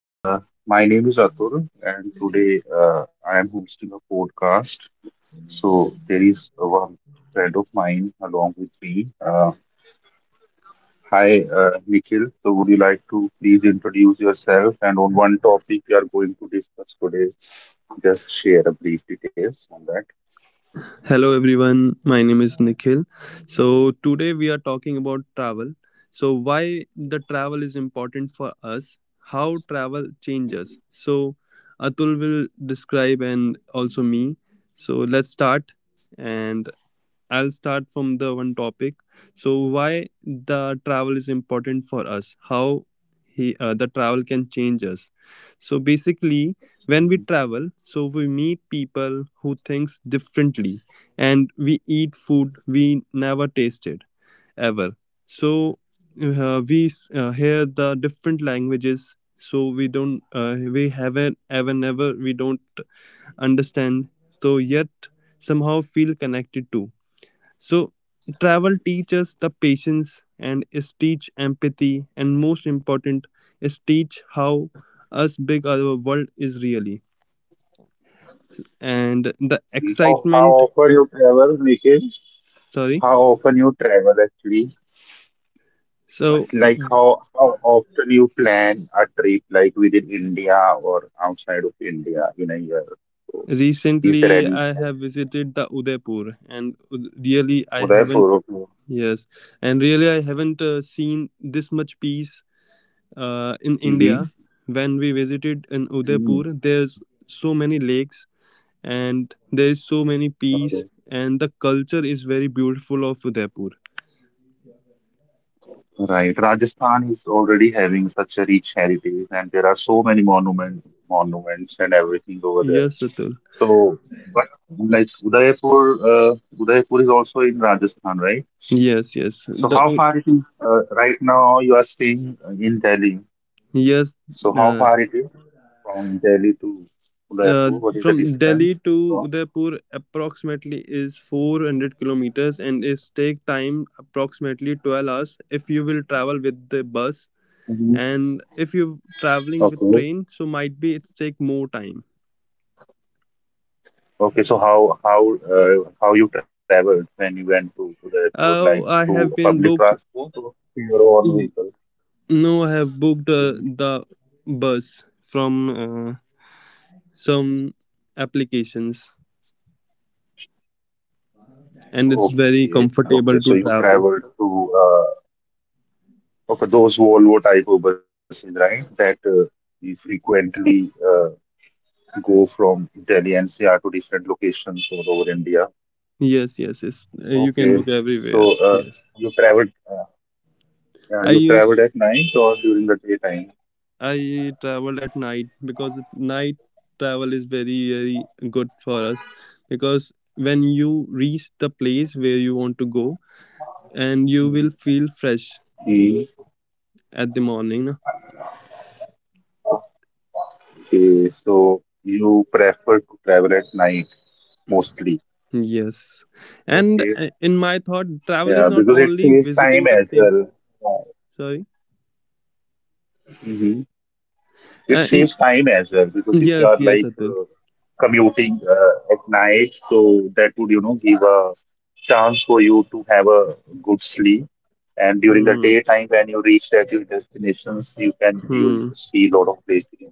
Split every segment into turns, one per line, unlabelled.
Uh, my name is Atul, and today I am hosting a podcast. So there is one friend of mine along with me. Hi, Nikhil. So would you like to please introduce yourself and on one topic we are going to discuss today? Just share a brief details on that.
Hello everyone, my name is Nikhil. So today we are talking about travel. So why the travel is important for us, how travel changes. So Atul will describe and also me. So let's start and I'll start from the one topic. So why the travel is important for us? How he the travel can change us. So basically, when we travel, so we meet people who thinks differently, and we eat food we never tasted ever. So we hear the different languages. So we don't, we haven't ever never we don't understand. So yet somehow feel connected to, so travel teaches the patience and is teach empathy, and most important is teach how us big our world is really. And the
Mhm. Oh, how
excitement,
often you travel, Nikhil?
sorry.
How often you travel actually?
So
Like how often you plan a trip like within India or outside of India in a year? So is there
recently
any
I have visited the Udaipur, and really I haven't,
Udaipur?
yes, and really I haven't seen this much peace in India.
Okay.
When we visited in Udaipur,
Hmm.
there's so many lakes and there is so many
Okay.
peace, and the culture is very beautiful of Udaipur.
Right. Rajasthan is already having such a rich heritage, and there are so many monuments and everything over there.
Yes, Atul.
So, but like Udaipur, uh, Udaipur is also in Rajasthan, right?
Yes, yes.
So
the
how
o-
far it is right now you are staying in Delhi.
yes.
So how
uh,
far it is? From Delhi to Udaipur?
uh,
What is the
from
distance?
Delhi to
So,
Udaipur approximately is 400 kilometers, and it take time approximately 12 hours if you will travel with the bus,
mhm.
and if you traveling with
Okay.
train, so might be it's take more time.
Okay. So how you traveled when you went to Udaipur? Like
Oh,
through
I have
public
been booked.
transport or through your own vehicle?
No, I have booked
Mhm.
the bus from some applications, and it's very
Okay.
comfortable
Okay.
to
So you
travel.
traveled to. uh, okay, those Volvo type of buses, right? That we frequently go from Delhi NCR to different locations all over India.
Yes, yes, yes. You can book
Okay.
everywhere.
So uh,
Yes.
you traveled. Yeah,
I
you traveled
use
at night or during the daytime?
I travel at night because night travel is very very good for us, because when you reach the place where you want to go, and you will feel fresh
Okay,
at the morning.
so you prefer to travel at night mostly.
Yes. And
Okay,
uh, in my thought, travel is
yeah,
not
because it
only
saves time
visiting the
as
fame.
well.
Sorry.
Hmm. It saves
In
time as well because if you are
Yes,
like
yes, Atul.
commuting at night, so that would, you know, give a chance for you to have a good sleep. And during the
Hmm.
daytime, when you reach at your destinations, you can you
Hmm.
see a lot of places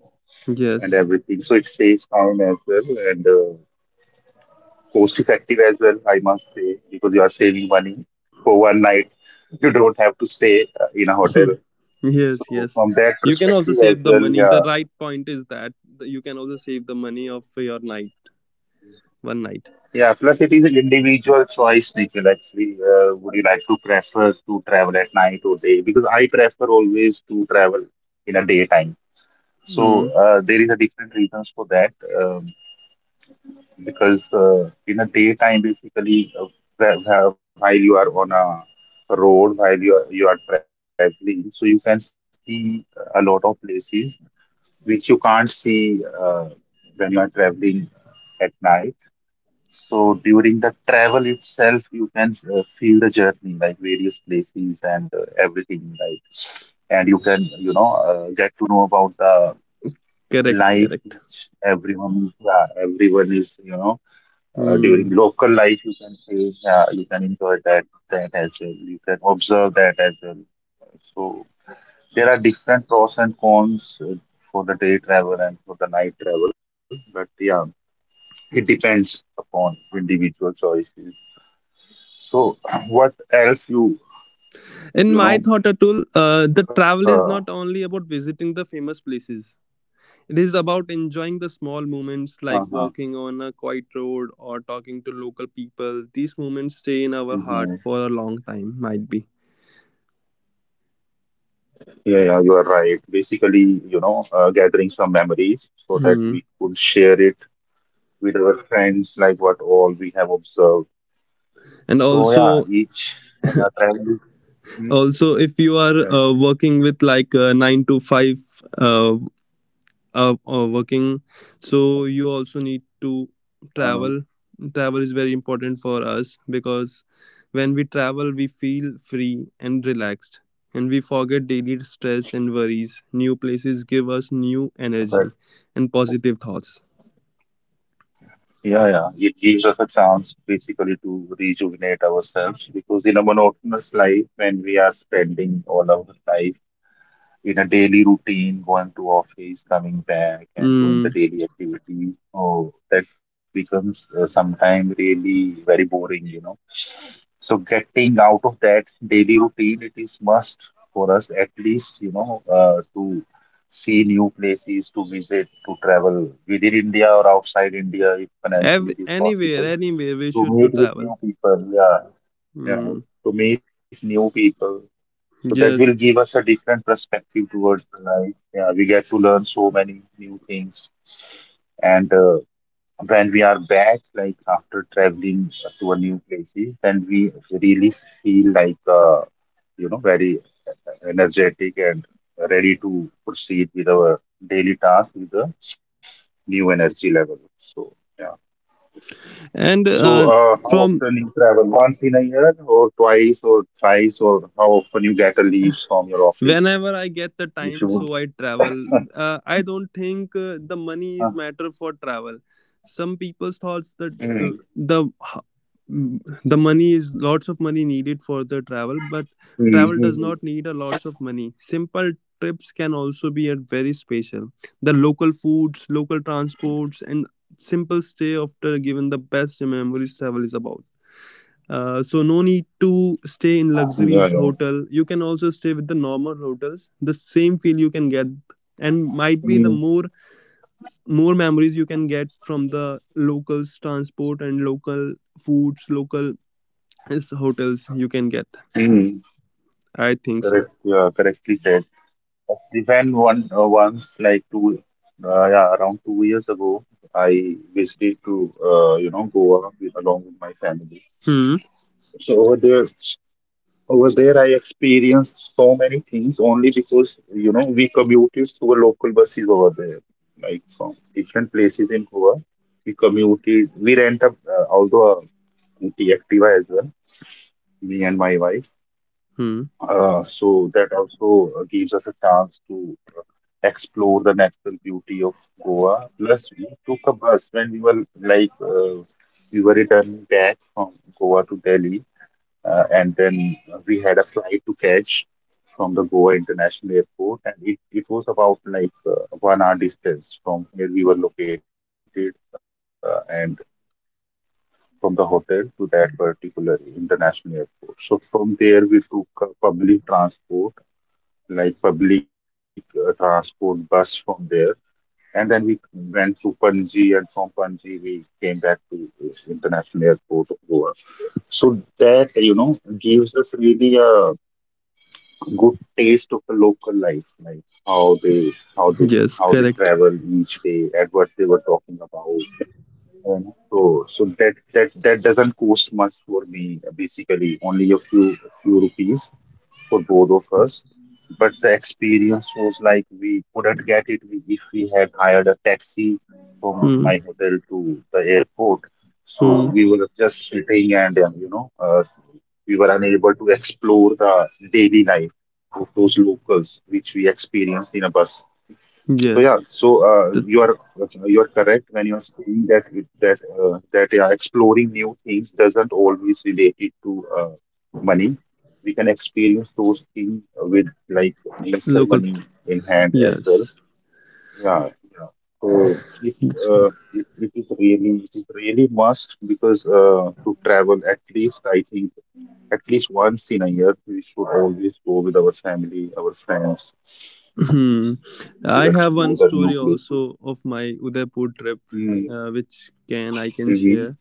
and
Yes.
everything. So it saves time as well. And. Cost effective as well, I must say, because you are saving money for one night. You don't have to stay in a
Hmm.
hotel.
Yes.
So
Yes.
from that
You can also
perspective as
save the
well,
money. The
yeah,
right point is that you can also save the money of your night, one night.
yeah. Plus, it is an individual choice, Nikhil. Actually, would you like to prefer to travel at night or day? Because I prefer always to travel in a daytime. So
Hmm.
there is a different reasons for that. Um, because in a daytime basically while you are on a road while you are traveling so you can see a lot of places which you can't see when you are traveling at night, so during the travel itself you can feel the journey like various places and everything like, and you can you know get to know about the
Correct.
life
Correct.
which everyone yeah everyone is you know during
Hmm.
local life, you can say you can enjoy that as well. You can observe that as well. So there are different pros and cons for the day travel and for the night travel, but yeah, it depends upon individual choices. So what else you you
In
know?
my thought, Atul, the
Uh,
travel is not only about visiting the famous places. It is about enjoying the small moments
uh-huh.
like walking on a quiet road or talking to local people. These moments stay in our
Mhm.
heart for a long time, might be.
Yeah, yeah, you are right. Basically, you know, gathering some memories so that
Hmm.
we could share it with our friends, like what all we have observed.
And
So
also,
yeah, each travel. Hmm.
also if you are
Yeah.
working with like a nine to five uh, working, so you also need to
uh,
travel. Travel is very important for us because when we travel we feel free and relaxed, and we forget daily stress and worries. New places give us new energy
but
and positive thoughts.
Yeah, yeah, it gives us a chance basically to rejuvenate ourselves because in a monotonous life, when we are spending all our life in a daily routine, going to office, coming back, and doing
Mm.
the daily activities. So that becomes sometimes really very boring, you know. So getting out of that daily routine, it is must for us at least, you know, to see new places, to visit, to travel within India or outside India, if financially it is
Anywhere
possible,
anywhere we
to
should to
meet with
travel.
new people. Yeah, you
Mm.
know, to meet new people so that will
Yes.
give us a different perspective towards the life. Yeah, we get to learn so many new things. And when we are back, like after traveling to a new places, then we really feel like you know very energetic and ready to proceed with our daily task with a new energy level. So yeah.
And
So how
from
often you travel? Once in a year, or twice, or thrice, or how often you get a leave from your office?
whenever I get the time,
If you
so
would.
I travel. I don't think the money is
Ah,
matter for travel. Some people's thoughts that uh,
mm,
the the money is lots of money needed for the travel, but
mm,
travel does not
mm,
need a lots of money. Simple trips can also be a very special. The local foods, local transports, and simple stay after given the best memories. Travel is about, so no need to
mm.
stay
Yeah,
in
yeah.
luxuries hotel. You can also stay with the normal hotels. The same feel you can get, and
Mm,
might be the more memories you can get from the locals transport and local foods, local is hotels you can get.
mm.
I think so.
Correct, yeah, correctly said. Even one once, like yeah, around 2 years ago, I visited to you know Goa with, along with my family.
Hmm.
So over there, I experienced so many things only because you know we commuted to a local buses over there, like from different places in Goa. We commuted, we rent a although and the Activa as well, me and my wife.
Hmm.
So that also gives us a chance to explore the natural beauty of Goa. Plus, we took a bus when we were like we were returning back from Goa to Delhi, and then we had a flight to catch from the Goa International Airport, and it was about like 1 hour distance from where we were located, and from the hotel to that particular international airport. So from there, we took public transport, like public transport bus from there. And then we went to Panji, and from Panji, we came back to International Airport of Goa. So that, you know, gives us really a good taste of the local life, like
Yes.
how they
Correct.
travel each day and what they were talking about you know. So, so that that doesn't cost much for me. Basically, only a few rupees for both of us. But the experience was like we couldn't get it if we had hired a taxi from
Hmm.
my hotel to the airport. So
Hmm.
we were just sitting and you know we were unable to explore the daily life of those locals, which we experienced in a bus. So
Yes.
yeah, so
The
you are correct when you are saying that that yeah, exploring new things doesn't always relate it to uh, money. We can experience those things with like lesser
local.
money in hand as well.
Yes.
Yeah, yeah. So uh, it it is really must because to travel at least I think at least once in a year we should always go with our family, our friends
Hmm.
to
I have one
explore that new
story
place.
also of my Udaipur trip, which can I can
Mm-hmm.
share.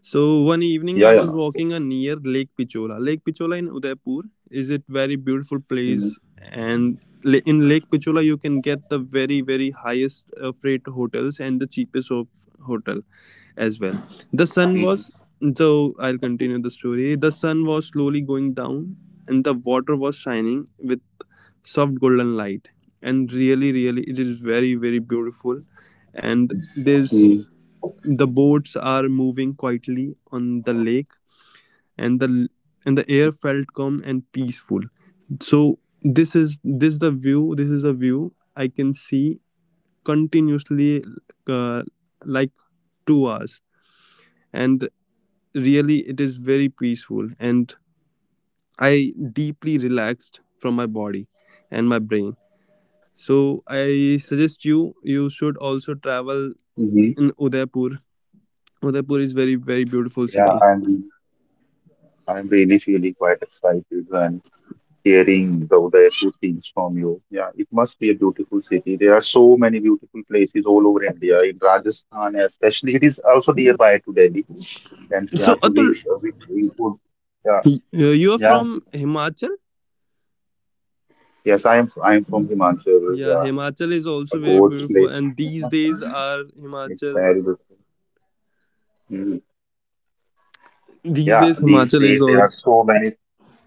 So one evening I
Yeah, yeah.
was walking near Lake Pichola. Lake Pichola in Udaipur is a very beautiful place,
Mm,
and in Lake Pichola you can get the very very highest freight hotels and the cheapest of hotel as well. The sun was
mm,
So I'll continue the story. The sun was slowly going down, and the water was shining with soft golden light, and really really it is very very beautiful, and
mm,
the boats are moving quietly on the lake, and the air felt calm and peaceful. So this is this the view, this is a view I can see continuously, uh, like 2 hours, and really it is very peaceful, and I deeply relaxed from my body and my brain. So I suggest you should also travel
mm-hmm.
in
Hmm.
Udaipur. Udaipur is very very beautiful
Yeah,
city.
I'm really feeling quite excited and hearing the Udaipur things from you. Yeah, it must be a beautiful city. There are so many beautiful places all over India, in Rajasthan especially. It is also nearby to Delhi. And so, yeah,
So
so
Atul,
we could, yeah,
you are
yeah.
from Himachal.
Yes, I am from Himachal,
Yeah,
yeah,
Himachal is also
a
very
God's
beautiful,
place.
and these days are
It's
Himachal.
very beautiful.
These
Yeah,
days
these
Himachal is
days there are
also
so many.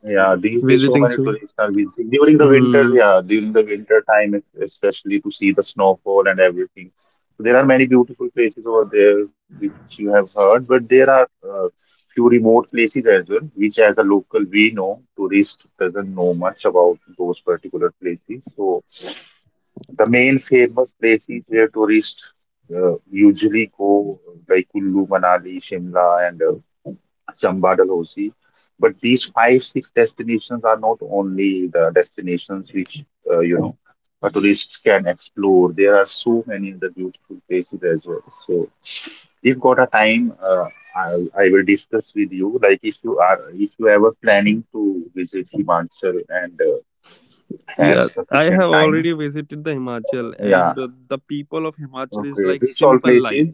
Yeah, these days so
visiting
many
soon.
tourists are visiting during the winter.
Um,
Yeah, during the winter time, especially to see the snowfall and everything. So there are many beautiful places over there which you have heard, but there are few remote places as well, which as a local we know, tourist doesn't know much about those particular places. So the main famous places where tourists usually go, like Kullu, Manali, Shimla, and Chamba, Dalhousie. But these five, six destinations are not only the destinations which, you know, tourists can explore. There are so many other beautiful places as well. So, if got a time, I, I will discuss with you. Like, if you ever planning to visit Himachal and have
yeah, I have
sufficient time,
already visited the Himachal, and
yeah.
the people of Himachal is
Okay,
like
this all
simple
places.
life.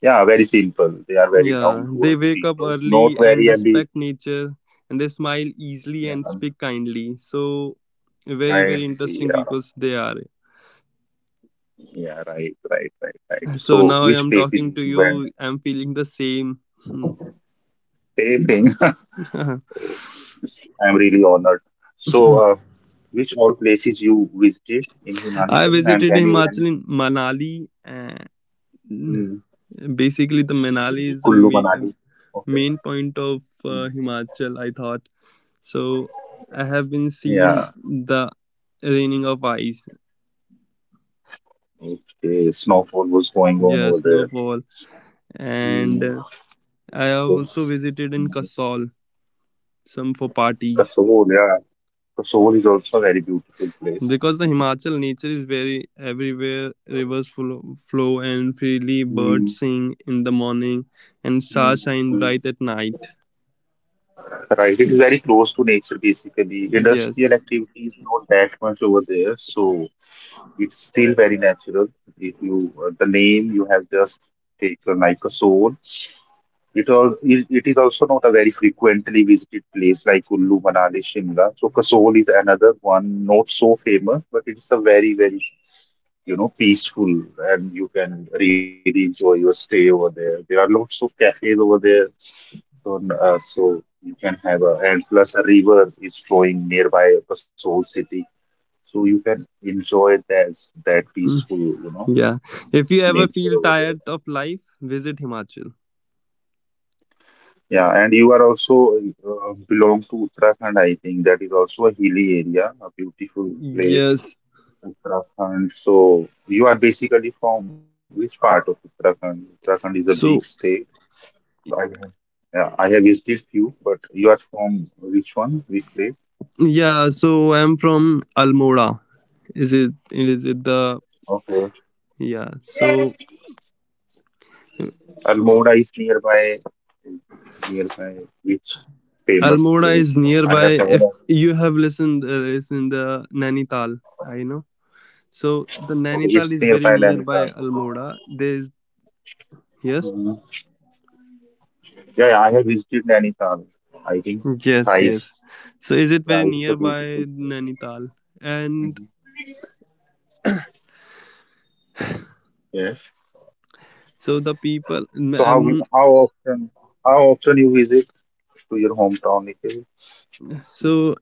Yeah, very simple. They are very
Yeah,
down to
they
earth
wake up
people. Not
early
very
and
ambi.
respect nature, and they smile
Yeah,
easily and speak kindly. So, very, very
kind. They
interesting
are.
peoples they are.
Yeah, right, right, right, right.
So,
So,
now I
which
am
places
talking
you
to
went?
you, I'm feeling the same. Hmm.
Same thing. Oh, I'm really honored. So, which all places you visited in Himachal
I
and when
visited
you went
Himachal in Manali, and
in
basically, the Manali is the
Kullu Manali? Okay.
main point of
Hmm.
Himachal, I thought. So, I have been seeing
Yeah.
the raining of ice,
Okay. Snowfall was going on
yeah,
over there.
snowfall, and
Mm.
I have
Okay.
also visited in
Hmm.
Kasol, some for parties.
Kasol, yeah. The soul is also a very beautiful place.
Because the Himachal nature is very everywhere, rivers flow and freely, birds
Mm,
sing in the morning, and
mm,
stars shine
mm.
bright at night.
Right, it is very close to nature basically.
Yes.
Industrial activity is not that much over there, so it's still very natural. If you the name you have just taken like a soul, it is also not a very frequently visited place like Kullu, Manali, Shimla. So Kasol is another one, not so famous, but it's a very peaceful, and you can really enjoy your stay over there. There are lots of cafes over there, so you can have a, and plus a river is flowing nearby Basol city, so you can enjoy that, that
Mm.
peaceful,
Yeah. If you ever
nature
feel
over there.
tired of life, visit Himachal.
Yeah, and you are also belong to Uttarakhand, I think. That is also a hilly area, a beautiful place,
Yes.
Uttarakhand. So you are basically from which part of Uttarakhand? Uttarakhand is a big
So
state. I have, yeah, I have visited this few, but you are from which one? Which place?
yeah, so I'm from Almora. Is it the,
Okay.
yeah. So
Almora is nearby. Nearby which famous
Almora
place?
is
I
nearby.
have
If
never.
you have listened, is in the Nainital. I know. So the
Okay,
Nainital
it's
is very
nearby Nainital.
nearby
Okay.
Almora. There's yes,
Hmm. Yeah, yeah, I have visited Nainital. I think
yes,
thrice.
yes. So is it
Yeah,
very
it's a beautiful place.
nearby Nainital? And
Hmm. Yes.
so the people.
So
Um.
how often, how often you visit to your hometown, Nikhil?
So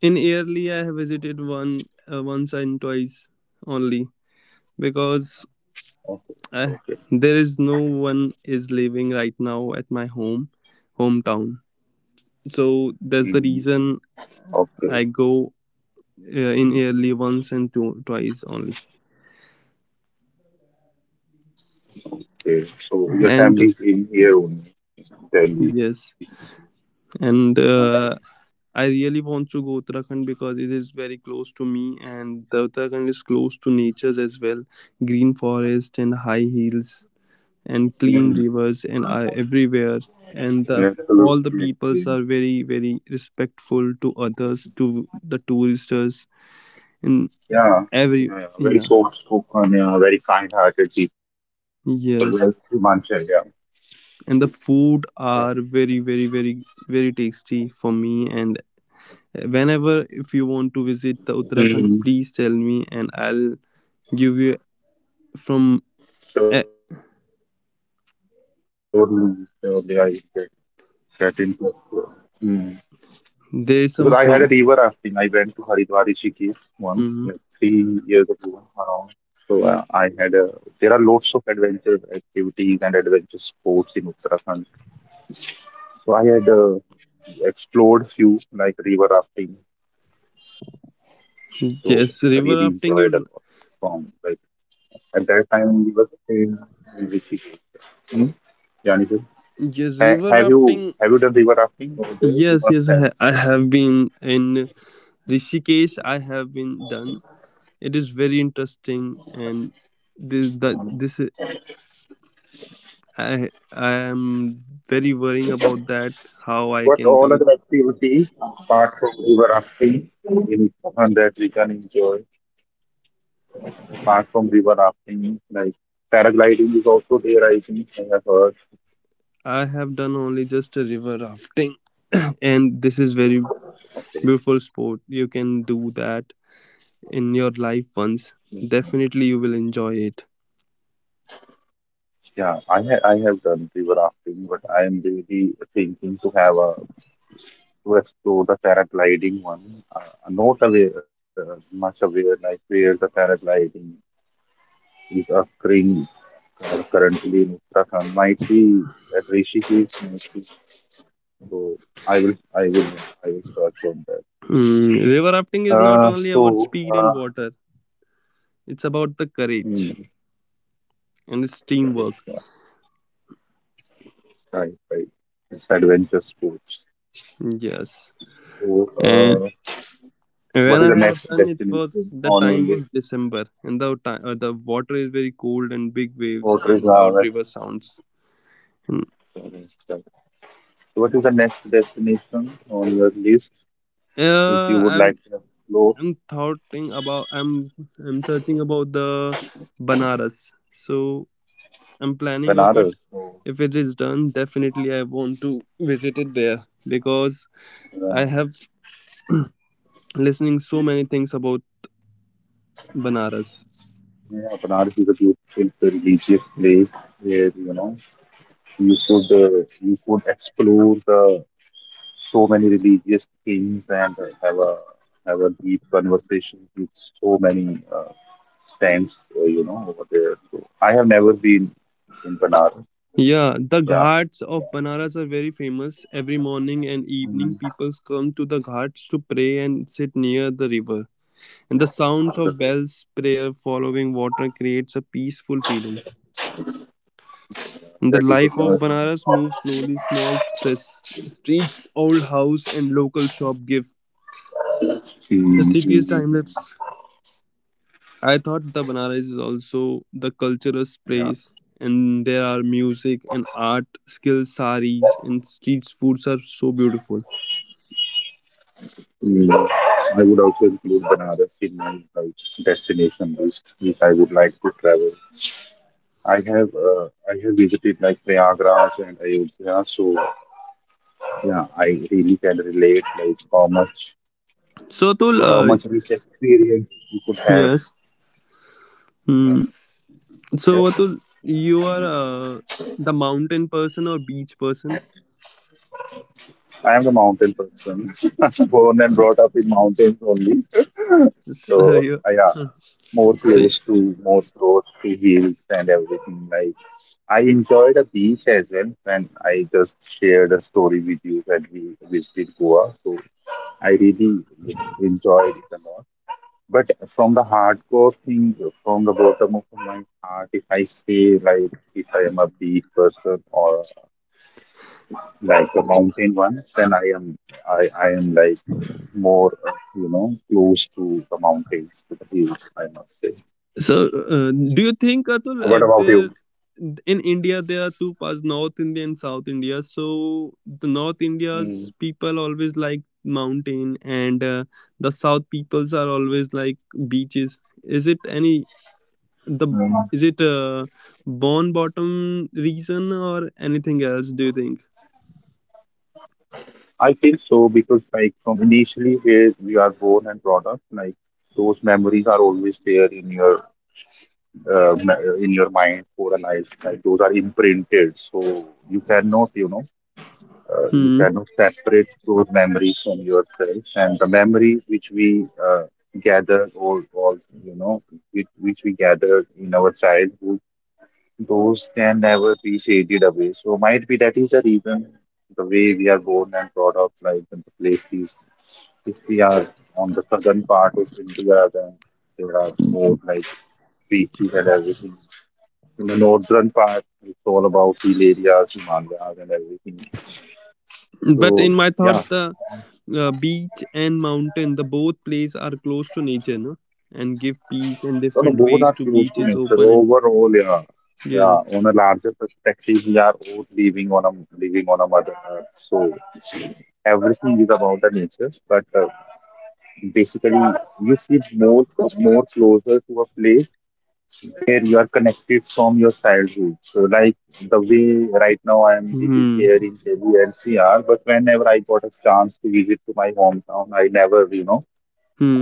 in yearly, I have visited once and twice only, because
Okay. Okay.
uh, there is no one is living right now at my home, hometown. So that's the
Hmm.
reason
Okay.
I go in yearly once and twice only.
Okay. So your
And
family's in here only, in Delhi.
yes.
Okay.
And I really want to go Uttarakhand because it is very close to me, and the Uttarakhand is close to natures as well, green forest and high hills and
Mm.
clean rivers and are everywhere, and
Yeah,
the
absolutely
all the
agree.
peoples are very very respectful to others to the touristers in
Yeah. Yeah,
every
yeah. Very
yeah,
soft spoken, yeah. Very kind hearted people. Like Himanshu,
yes,
yeah.
and the
Correct.
food are very very very very tasty for me, and whenever if you want to visit the Uttarakhand please tell me, and I'll
Mm.
give you from eh,
Surely, surely I get, get in touch with you. Mm.
there is
Because
some
I had a
fame.
river rafting. I went to Haridwar Rishikesh once,
Hmm.
like 3 years ago around. So there are lots of adventure activities and adventure sports in Uttarakhand. So I had explored few like river rafting. So
Yes,
I
river
really
rafting, you.
enjoyed a lot from, like, at that time we were staying in Rishikesh. Hmm? Janison.
Yes, river rafting.
Have you done river rafting over
Yes,
there?
yes,
You must
I
have.
have been in Rishikesh. I have been done. It is very interesting, and this,
Um,
i I am very worrying about that, how I can do.
What all other activities apart from river rafting in Uttarakhand that we can enjoy, apart from river rafting, like paragliding is also there, I think I have heard.
I have done only just a river rafting, and this is very beautiful sport. You can do that in your life once.
Okay.
Definitely, you will enjoy it.
Yeah, I have done river rafting, but I am really thinking to have a, to explore the paragliding one. I'm not aware, much aware, like where the paragliding is occurring currently in Uttarakhand. Might be at Rishikesh, might be. So I will I will search on that.
Mm, river rafting is not
Uh,
only about
so
speed and
uh,
water; it's about the courage
hmm,
and it's teamwork.
right, yeah, right, right. It's adventure sports.
Yes,
So
and
uh,
when
what is
I
the
have
next
done, it was
destination
the
on your
time was
list?
December, and the time, the water is very cold and big waves
What is
and loud river sounds. Mm.
so what is the next destination on your list if
Uh,
you would
i
like to explore?
I'm thoughting about, I'm searching about the Banaras. So I'm planning of it.
Banaras?
If it is done, definitely I want to visit it there because
Uh,
I have listening so many things about Banaras.
yeah, Banaras is a beautiful religious place where, you could, you could explore the so many religious things, and have a, have a deep conversation with so many saints, you know, over there. So I have never been in Banaras.
Yeah, the
Yeah,
ghats
yeah.
of Banaras are very famous. Every morning and evening,
Mm.
people come to the ghats to pray and sit near the river. And the sounds of
So
bells, prayer, following water creates a peaceful feeling. The
that is
life of
it.
Banaras moves slowly. Small stress streets, old house, and local shop give the
Mm, mm,
city's time
mm.
lapse. I thought the Banaras is also the cultural
Yeah.
place, and there are music and art, skills, saris, and street foods are so beautiful.
Mm, I would also include Banaras in my, like, destination list, which I would like to travel. I have uh, I have visited like Prayagraj and Ayodhya, so yeah, I really can relate, like how much,
So Atul,
how much rich experience you could have.
yes.
Yeah.
Hmm. So
Yes,
Atul, you are the mountain person or beach person?
I am a mountain person, born and brought up in mountains only.
So,
So
yeah.
yeah,
So
more close to hills and everything, like. I enjoyed the beach as well when I just shared a story with you when we visited Goa. So I really, you know, enjoyed it a lot. But from the hardcore thing, from the bottom of my heart, if I say like if I am a beach person or like a mountain one, then I am like more, you know, close to the mountains, to the hills, I must say.
So do you think, Atul,
What about
there
you?
in India there are two parts, North India and South India. So the North India's
Mm.
people always like mountain, and the South peoples are always like beaches. The is it a born bottom reason or anything else? Do you think?
I feel so because, like, from initially where we are born and brought up, like those memories are always there in your uh, ma- in your mind for a life. Like those are imprinted, so you cannot, you know, you
Hmm.
cannot separate those memories from yourself. And the memories which we gather, or you know, which we gathered in our childhood, those can never be shaded away. So might be that is the reason, the way we are born and brought up, like in the places. If we are on the southern part of India, then there are more like beaches and everything. In the northern part, it's all about hill areas, Himalayas, and everything.
But
So
in my thought,
yeah,
the beach and mountain, the both place are close to nature, no? And give peace and
no, no,
different
both
ways
are
to
huge
beaches
things. But
open and.
overall, yeah, yeah,
Yes.
on a larger perspective, we are all living on a, living on a mother earth. So everything is about the nature. But basically, you feel more closer to a place where you are connected from your childhood. So like the way right now I am living
Hmm.
here in Delhi NCR, but whenever I got a chance to visit to my hometown, I never, you know,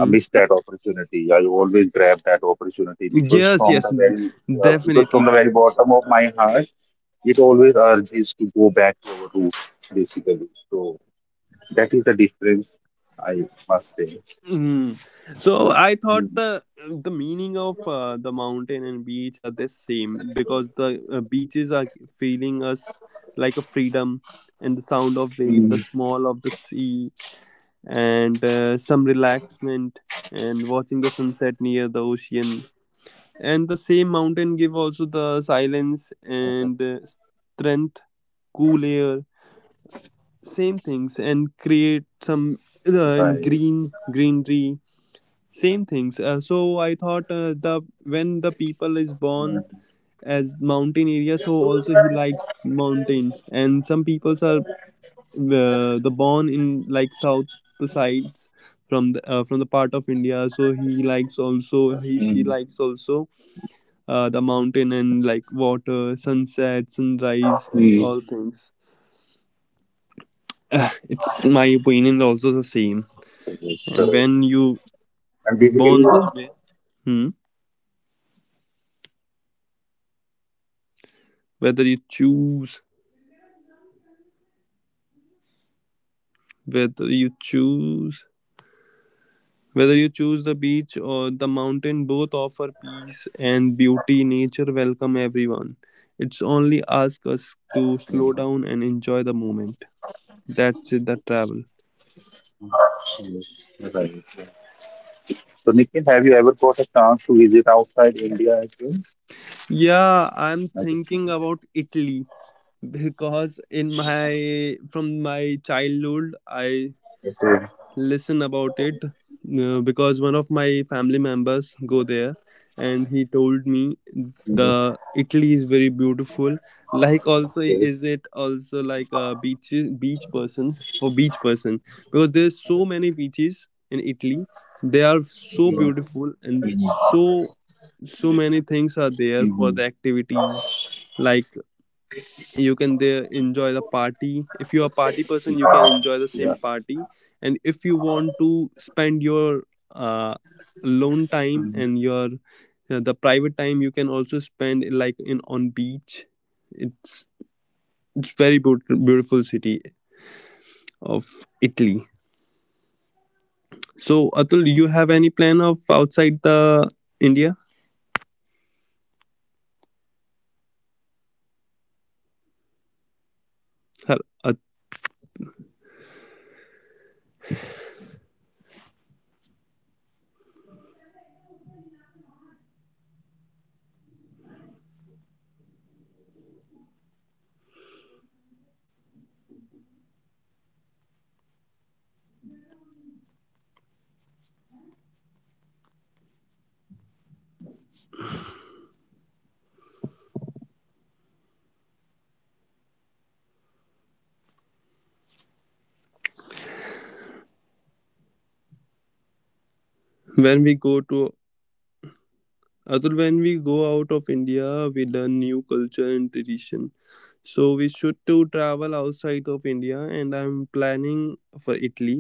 I miss that opportunity. I always grab that opportunity because
Yes.
from
Yes.
the very, because from
Definitely.
the very bottom of my heart, it always urges to go back to our roots, basically. So that is the difference, I must say.
Hmm. So I thought
Mm,
the meaning of the mountain and beach are the same, because the beaches are feeling us like a freedom, and the sound of wave, the
mm.
small of the sea, and some relaxment, and watching the sunset near the ocean. And the same mountain give also the silence and strength, cool air, same things,
Right.
and create some, and green greenery, same things, so I thought,
Mm,
the when the people is born as mountain area, so also he likes mountain, and some peoples are, the born in like south sides from the part of
mm,
India, so he likes also, he she likes also the mountain and like
mm.
water, sunset, sunrise, all things.
Correct, correct.
It's my opinion also the
And
same,
basically,
and when you
yeah,
born somewhere, hmm,
yeah, you feel more connected too, right?
whether you choose
Mm. So have you ever
whether
got a
you
chance to?
choose whether you
Have you
choose
ever
the
got a
beach
chance
or the
to cook?
mountain, both offer peace and beauty. Nature welcome everyone. It's only ask us
Mm.
to slow down and enjoy the moment. That's it, the travel.
Yes, right. So, Nikhil, have you ever got a chance to visit outside India as well?
Yeah, I'm
As a
thinking
student?
about Italy, because in my from
Okay.
my childhood I listen about it, because one of my family
Mhm.
members go there, and he told me the
Okay.
Italy is very beautiful. Like, also, is it also like a beach? Beach persons, for beach person, because there's so many
Mhm.
beaches in Italy. They are so beautiful, and
Mhm. Mhm.
so so many things are there for the activities. Like, you
Yeah.
can there enjoy the
Yeah.
party. If you're a party person, you can enjoy the same party, and if you want to spend
Mhm.
your uh, alone time and your the private time, you can also spend like in on beach. It's it's very beautiful, beautiful city
Correct.
of Italy.
Uh, and you can explore a
So
food,
Atul, do you
lot of
have any
like
plan of
tasty
outside
food
the
over there.
India?
Outside India, I had visited like
Hel-
China,
At-
Beijing. So I had went, yeah, I had gone there uh, quite few years back, like in year I think 2012, I visited China. So at that time, like in the capital, that was such a polluted one, but now they have made a drastic change in Beijing as well. The air is so clean nowadays, the time I had visited, so the situation was not that much good, but yeah, they were on the path of improvement, and now they have really done a lot of improvement on that particular side.
when
I
we
had
go to
went, you know, at that time.
Atul, when
Yeah,
we
I
go
had gone
out
there
of
on office
India, we
visit.
learn new culture and tradition. So we should to travel
Hmm,
outside of India, and I'm planning for Italy.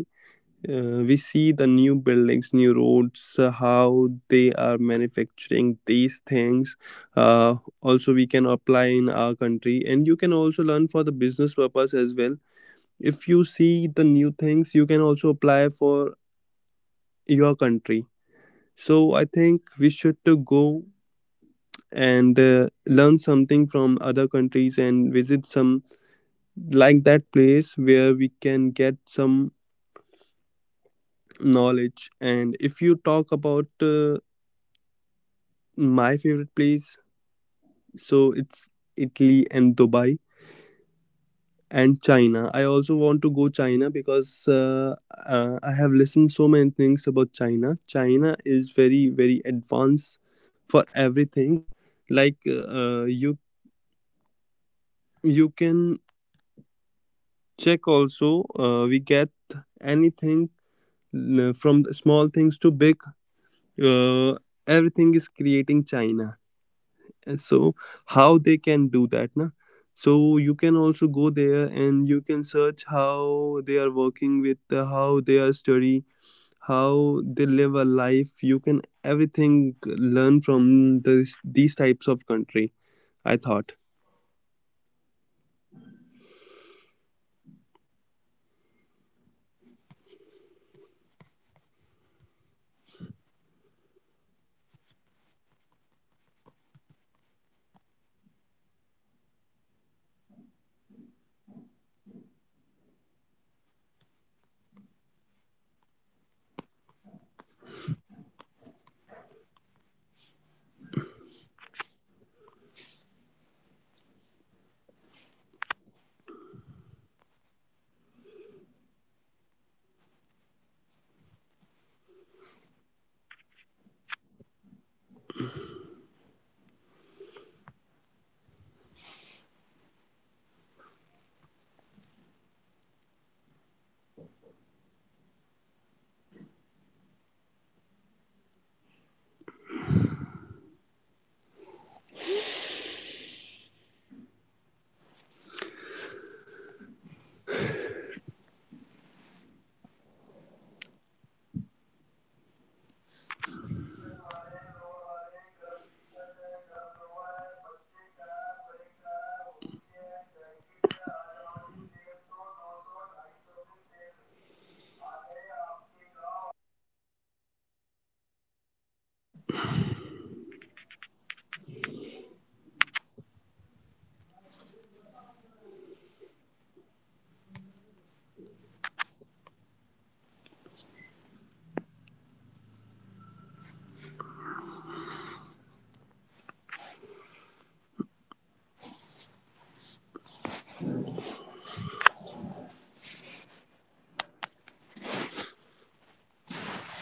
We see the new buildings,
hmm,
new roads, how they are manufacturing these things. Uh, Also, we can apply in
hmm,
our country, and you can also learn for the business purpose as well. If you see the new
hmm,
things, you can also apply for your country. So I think we should to go
about,
and learn something from other countries, and visit some like that place where we can get some knowledge. And if you talk about my favorite place, so it's Italy and
hmm.
Dubai. And China, I also want
Okay.
to go
Why
China
Dubai?
because I have listened so many things about China. China is very very advanced for everything. Like, you
Hmm.
you can check also, we get anything, from the small things to big, uh, everything is
Hmm,
creating
hmm.
China. And so how they can do that,
Right,
na?
right, right.
So you can also go there,
Hmm.
and you can search how they
You
are
can learn.
working
Yeah.
with, how they are
Yeah.
study, how they live a life. You can everything learn from this, these types of country, I thought.
Right, right, right. Yes, correct. Yeah, we should keep traveling, I must say. That is like, that is how we can understand the life in a better way. So it doesn't matter whether we are like, within India or outside India. It depends like, how valuable things we are going to learn and into any particular place. What all memories we have gathered, what all the new experiences that we have, you know, taken. So financially, like whatever feels affordable to you, you must plan at least once or twice in a year to explore those places. So that is basically, really helps us, you know, to refresh ourselves, right? So on that very, note, Nikhil, I think we should start wrapping up our discussion on the topic that we had picked up today, travel, like how important it is for us to travel and to visit new places. And it was really wonderful talking to you on this particular thing. So we would really definitely connect. And whenever I will plan to visit Uttarakhand, I will like to get some tips from you because that is basically from where you belong. So you could, you know, really share some beautiful tips with me. And if you ever plan to go to Himachal, then just connect to me. I will share the link with you so that you could enjoy your journey a lot. Okay, so thank you so much joining the today's podcast and take care everyone. Thank you.